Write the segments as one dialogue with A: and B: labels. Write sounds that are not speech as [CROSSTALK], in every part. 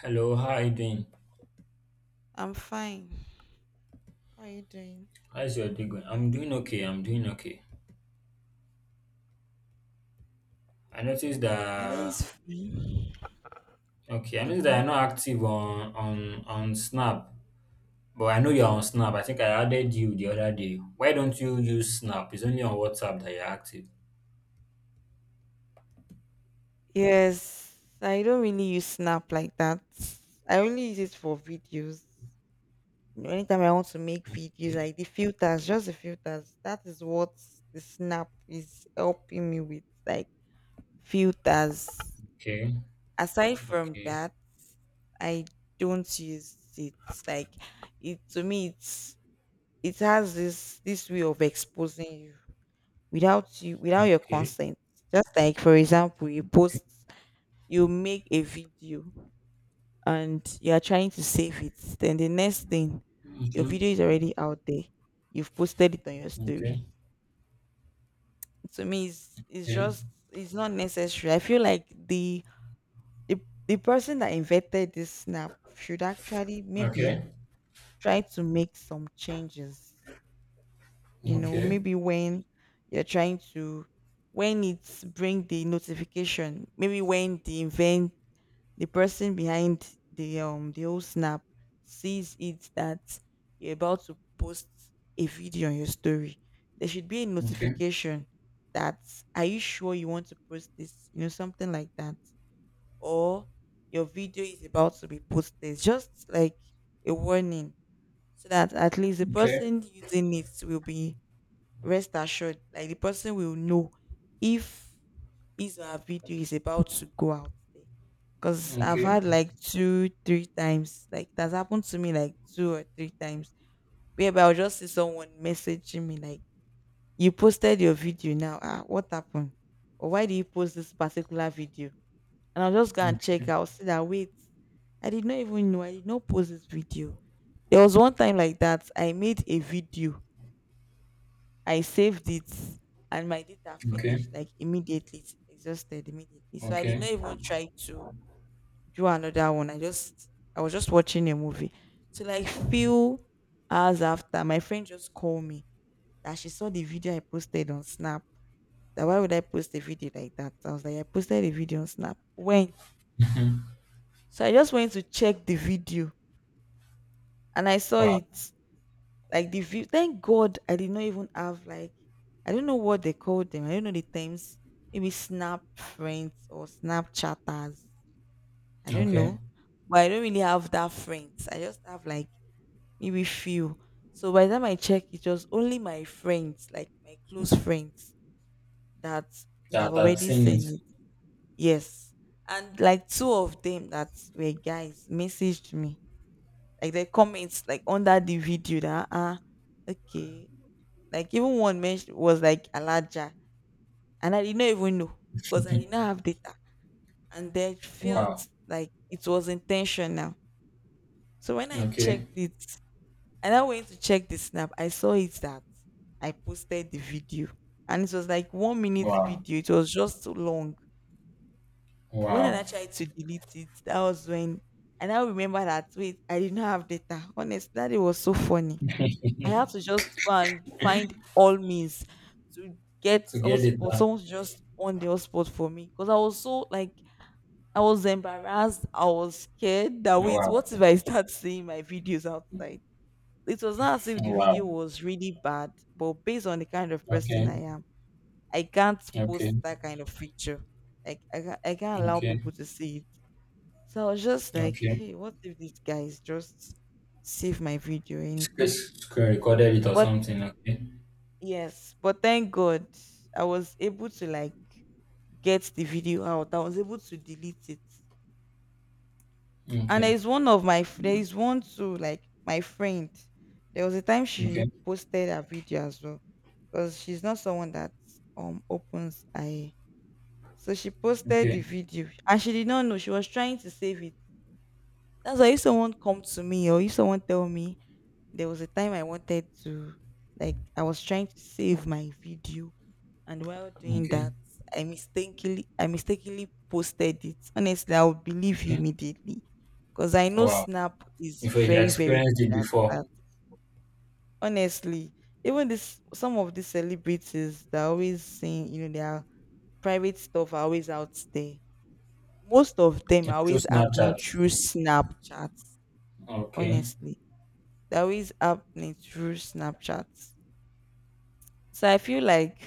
A: Hello, how are you doing?
B: I'm fine. How are you doing?
A: How's your day going? I'm doing okay. I'm doing okay. I noticed
B: My day
A: that
B: is fine.
A: okay. I noticed that
B: Okay.
A: you're not active on Snap, but I know you're on Snap. I think I added you the other day. Why don't you use Snap? It's only on WhatsApp that you're active.
B: Yes, I don't really use Snap like that. I only use it for videos. Anytime I want to make videos,
A: Okay,
B: like the filters, just the filters. That is what the Snap is helping me with, like filters.
A: okay,
B: Aside from
A: okay,
B: that, I don't use it. Like it to me, it's it has this way of exposing you, without
A: okay,
B: your
A: okay,
B: consent. Just, like for example, you post, you make a video, and you are trying to save it, then the next thing,
A: okay, okay, okay,
B: your
A: okay, okay, okay,
B: video is already out there, you've posted it on your story. To me, it's
A: okay,
B: just it's not necessary. I feel like the the person that invented this Snap should actually maybe try to make some changes. You know, maybe when you're trying to, when it's bring the notification, maybe when the event, the person behind the whole Snap sees it that you're about to post a video on your story, there should be a notification that, are you sure you want to post this, you know, something like that, or your video is about to be posted, just like a warning, so that at least the person using it will be rest assured. Like the person will know if his or her video is about to go out there. Because I've had like two, three times, like that's happened to me like two or three times. Whereby I'll just see someone messaging me like, you posted your video now. Ah, what happened? Or why did you post this particular video? And I'll just go and check. I'll see that, wait, I did not even know. I did not post this video. There was one time like that. I made a video, I saved it, and my data
A: okay,
B: finished like immediately. It's exhausted immediately. So I
A: okay,
B: did not
A: okay.
B: even try to do another one. I just, I was just watching a movie. So like few hours after, my friend just called me that she saw the video I posted on Snap. That why would I post a video like that? I was like, I posted a video on Snap? When?
A: [LAUGHS]
B: So I just went to check the video and I saw
A: Wow.
B: it. Like the view. Thank God I did not even have like, I don't know what they call them. I don't know the terms. Maybe Snap friends or Snapchatters. I don't
A: Okay.
B: know. But I don't really have that friends. I just have like maybe few. So by the time I check, it was only my friends, like my close friends, that I've
A: That's
B: already
A: seen it.
B: seen it. Yes. And like two of them that were guys messaged me. Like they comments like under the video that, ah, okay. Like even one mentioned was like Alaja, and I did not even know because I did not have data, and then
A: Wow.
B: felt like it was intentional. So when I
A: Okay.
B: checked it, and I went to check the Snap, I saw it that I posted the video, and it was like 1 minute
A: Wow.
B: video. It was just too long. When I
A: Wow.
B: tried to delete it, that was when. And I now remember that, wait, I did not have data. Honestly, that it was so funny.
A: [LAUGHS] to
B: I have to just go and find all means to get
A: get it
B: hotspot,
A: done.
B: someone to just on the hotspot for me. Because I was so like, I was embarrassed, I was scared that, wait,
A: Wow.
B: what if I start seeing my videos outside? It was not as if the video
A: Wow.
B: was really bad, but based on the kind of person
A: Okay.
B: I am, I can't
A: Okay.
B: post that kind of feature. Like I can't allow
A: Okay.
B: people to see it. So I was just like,
A: Okay.
B: hey, what if this guy is just save my video or anything?
A: Just recorded it or
B: But,
A: something. Okay.
B: yes, but thank God I was able to like get the video out. I was able to delete it. And there
A: Okay.
B: is one of my f- there is one to like my friend. There was a time she
A: Okay.
B: posted a video as well because she's not someone that opens I. So she posted
A: Okay.
B: the video and she did not know she was trying to save it. That's why if someone come to me or if someone tell me there was a time I wanted to, like I was trying to save my video and while doing
A: Okay.
B: that I mistakenly posted it, honestly I would believe you
A: Okay.
B: immediately, because I know
A: Wow.
B: Snap is
A: If you
B: very very
A: experienced
B: good
A: it
B: at that.
A: before,
B: Honestly, even this some of these celebrities, they're always saying, you know, their private stuff are always out there. Most of them are
A: it's through
B: always happening
A: Snapchat.
B: through Snapchat.
A: Okay.
B: Honestly, they're always happening through Snapchat. So I feel like,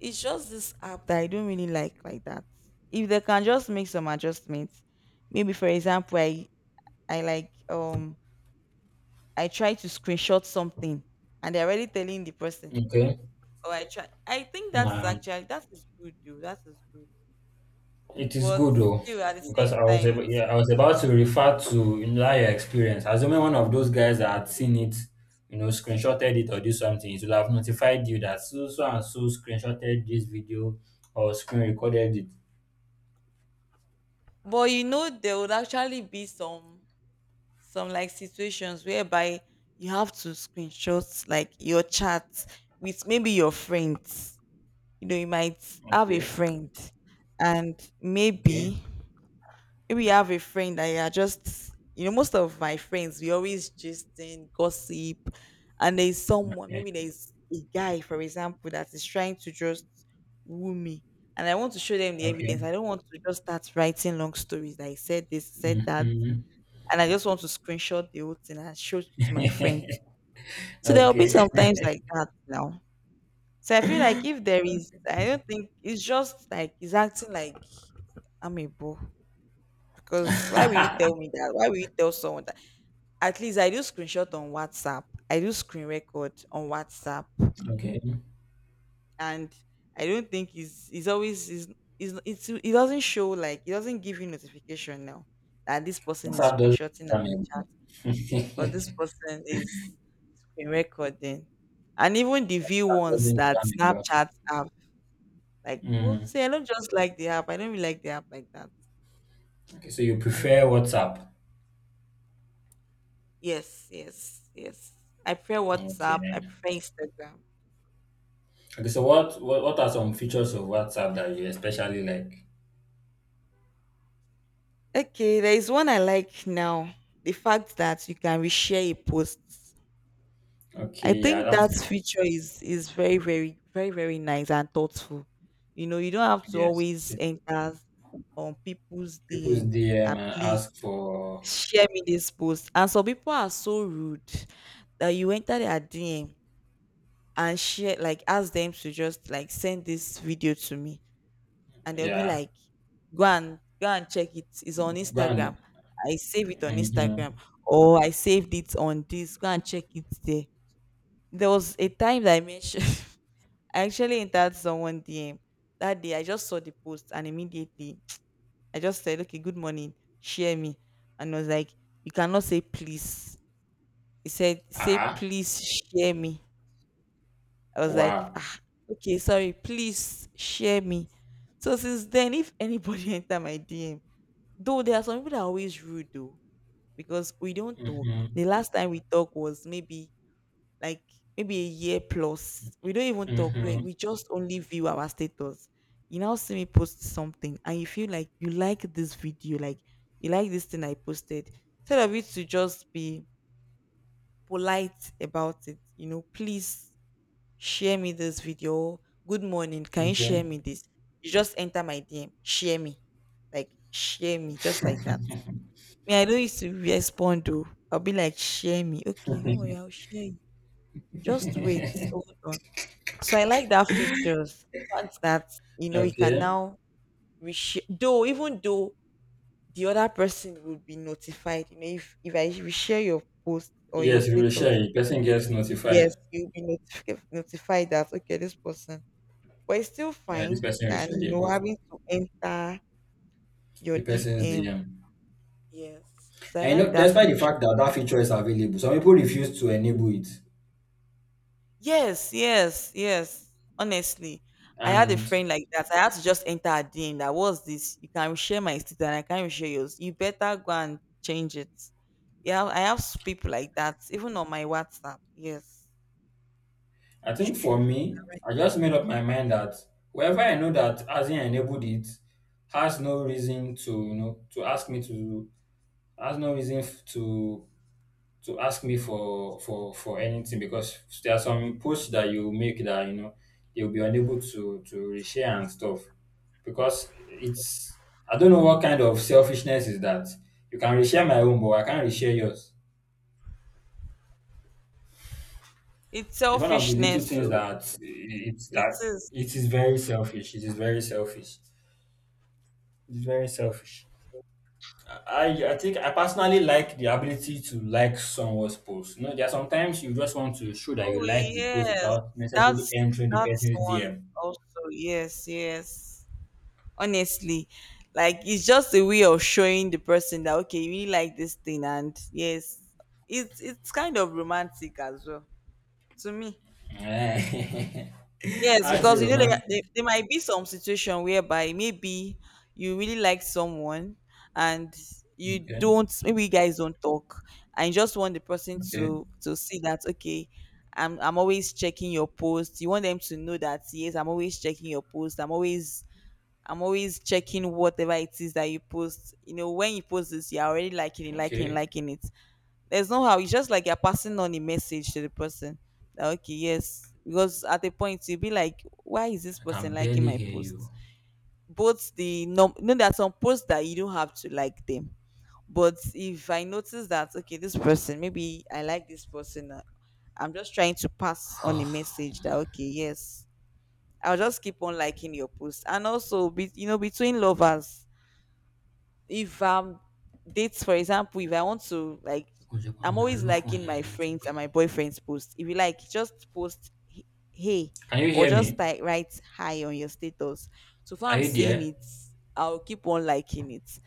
B: it's just this app that I don't really like that. If they can just make some adjustments, maybe for example, I like, I try to screenshot something and they're already telling the person.
A: Okay.
B: Or I try. I think that is
A: Wow.
B: actually, that is good though. That is good.
A: It is
B: But
A: good though,
B: still, at the
A: because
B: same
A: I was
B: time,
A: able,
B: it's,
A: yeah, I was about to refer to, you know, that your experience. Assuming one of those guys that had seen it, you know, screenshotted it or do something, it will have notified you that so so and so screenshotted this video or screen recorded it.
B: but you know there would actually be some like situations whereby you have to screenshot like your chat with maybe your friends. You know, you might have a
A: Okay,
B: friend, and
A: okay,
B: maybe you have a friend that you are just, you know, most of my friends, we always just in gossip, and there's someone,
A: okay,
B: maybe there's a guy for example that is trying to just woo me, and I want to show them the evidence.
A: okay.
B: I don't want to just start writing long stories that I said this, said that,
A: Hmm.
B: and I just want to screenshot the whole thing and show it to my friends.
A: [LAUGHS]
B: So there will be
A: okay,
B: sometimes like that now. So I feel like
A: [LAUGHS]
B: if there is, I don't think it's just like he's acting like I'm a boo. Because why will you tell me that? Why will you tell someone that? At least I do screenshot on WhatsApp. I do screen record on WhatsApp,
A: okay.
B: and I don't think he's always is it's it doesn't show, like it doesn't give you notification now that this person is
A: WhatsApp doesn't
B: screenshotting our
A: jam me,
B: chat
A: bro.
B: or
A: [LAUGHS]
B: this person is screen recording, and even the view
A: WhatsApp
B: ones
A: doesn't
B: that
A: jam me, bro.
B: Snapchat have. Like, well,
A: Mm.
B: see, I don't just like the app. I don't really like the app like that.
A: Okay, so you
B: I
A: prefer
B: don't.
A: WhatsApp?
B: Yes, yes, yes. I prefer
A: Okay.
B: WhatsApp. I prefer Instagram.
A: Okay, so what are some features of WhatsApp that you especially like?
B: Okay, there is one I like now. The fact that you can reshare a post. I
A: Okay, yeah,
B: think
A: that's
B: that [LAUGHS] feature is very, very, very, very nice and thoughtful. You know, you don't have to
A: yes.
B: always enter on people's
A: People's
B: DM
A: DM
B: that,
A: and
B: please
A: ask for
B: share me this post. And some people are so rude that you enter their DM and share, like ask them to just like send this video to me, and they'll be
A: yeah.
B: like, go and go and check it, it's on
A: Go and
B: Instagram, I save it on
A: mm-hmm.
B: Instagram, or I saved it on this, go and check it there. There was a time that I mentioned, [LAUGHS] I actually entered someone DM. That day, I just saw the post and immediately [TSK] I just said, okay, good morning, share me. And I was like, you cannot say please? He said, say
A: Ah.
B: please, share me. I was like,
A: Wow.
B: ah, okay, sorry, please share me. So since then, if anybody [LAUGHS] enter my DM, though there are some people that are always rude though, because we don't talk.
A: Mm-hmm.
B: The last time we talked was maybe like, maybe a year plus. We don't even talk. We,
A: Mm-hmm.
B: we just only view our status. You now see me post something and you feel like you like this video, like you like this thing I posted. Instead of it to just be polite about it, you know, please, share me this video. Good morning. Can you
A: Okay.
B: share me this? You just enter my DM. Share me. Like share me. Just like that. Me, I don't used to respond though. I'll be like, share me. Okay, don't worry, I'll
A: [LAUGHS]
B: share you. Just wait. Hold on. So I like that features. The fact that, you know, you can
A: okay.
B: now reshare though, even though the other person would be notified, you know, if I reshare your post or your
A: Yes, if you will share
B: status,
A: it. Person gets
B: yes,
A: notified.
B: you'll be notified that, okay, this person, but it's still
A: Yeah, this
B: fine
A: person will
B: than,
A: share
B: you
A: your
B: know,
A: post.
B: having to enter your
A: The person's
B: DM.
A: DM.
B: Yes. So I
A: And you
B: like
A: know,
B: that
A: despite the
B: feature.
A: fact that that feature is available, some people refuse to enable it.
B: Yes, yes, yes. Honestly, I had a
A: And
B: friend like that. I had to just enter a DM. That was this. You can share my status and I can't share yours. You better go and change it. Yeah, I have s- people like that, even on my WhatsApp. Yes,
A: I
B: it's
A: think for
B: true.
A: me,
B: You're right.
A: I just made up my mind that whoever I know that hasn't enabled it has no reason to, you know, to ask me to has no reason f- to ask me for anything, because there are some posts that you make that, you know, you'll be unable to reshare and stuff because it's, I don't know what kind of selfishness is that, you can reshare my own but I can't reshare yours.
B: It's
A: It's one of the little
B: selfishness.
A: things
B: So
A: that it's
B: it
A: that
B: is.
A: it is very selfish. It is very selfish. It's very selfish. I think I personally like the ability to like someone's post. You know, there are sometimes you just want to show that you
B: Oh
A: like the post
B: yes,
A: without necessarily
B: that's
A: entering the person's
B: one
A: DM.
B: also. Yes, yes. Honestly, like it's just a way of showing the person that, okay, you really like this thing, and yes, it's kind of romantic as well to me.
A: Eh. [LAUGHS]
B: Yes,
A: How's it
B: because you know
A: romantic?
B: there might be some situation whereby maybe you really like someone, and you
A: Okay.
B: don't, maybe you guys don't talk, and you just want the person
A: Okay.
B: to see that, okay, I'm always checking your post. You want them to know that yes, I'm always checking your post. I'm always checking whatever it is that you post. You know, when you post this, you're already liking it,
A: Okay.
B: liking it, there's no how. It's just like you're passing on a message to the person that, okay, yes. Because at a point you'll be like, why is this
A: I
B: person
A: can
B: liking
A: barely
B: my
A: hear you.
B: post? Both the, no, no, there are some posts that you don't have to like them. But if I notice that, okay, this person, maybe I like this person, I'm just trying to pass on a
A: [SIGHS]
B: message that, okay, yes, I'll just keep on liking your post. And also, be, you know, between lovers, if dates for example, if I want to like, I'm always
A: Can
B: liking my friends and my boyfriend's post. If you like just post, hey,
A: you
B: or
A: hear
B: just
A: me?
B: like write hi on your status, so far
A: Are
B: I'm
A: you
B: seeing
A: there?
B: it, I'll keep on liking it.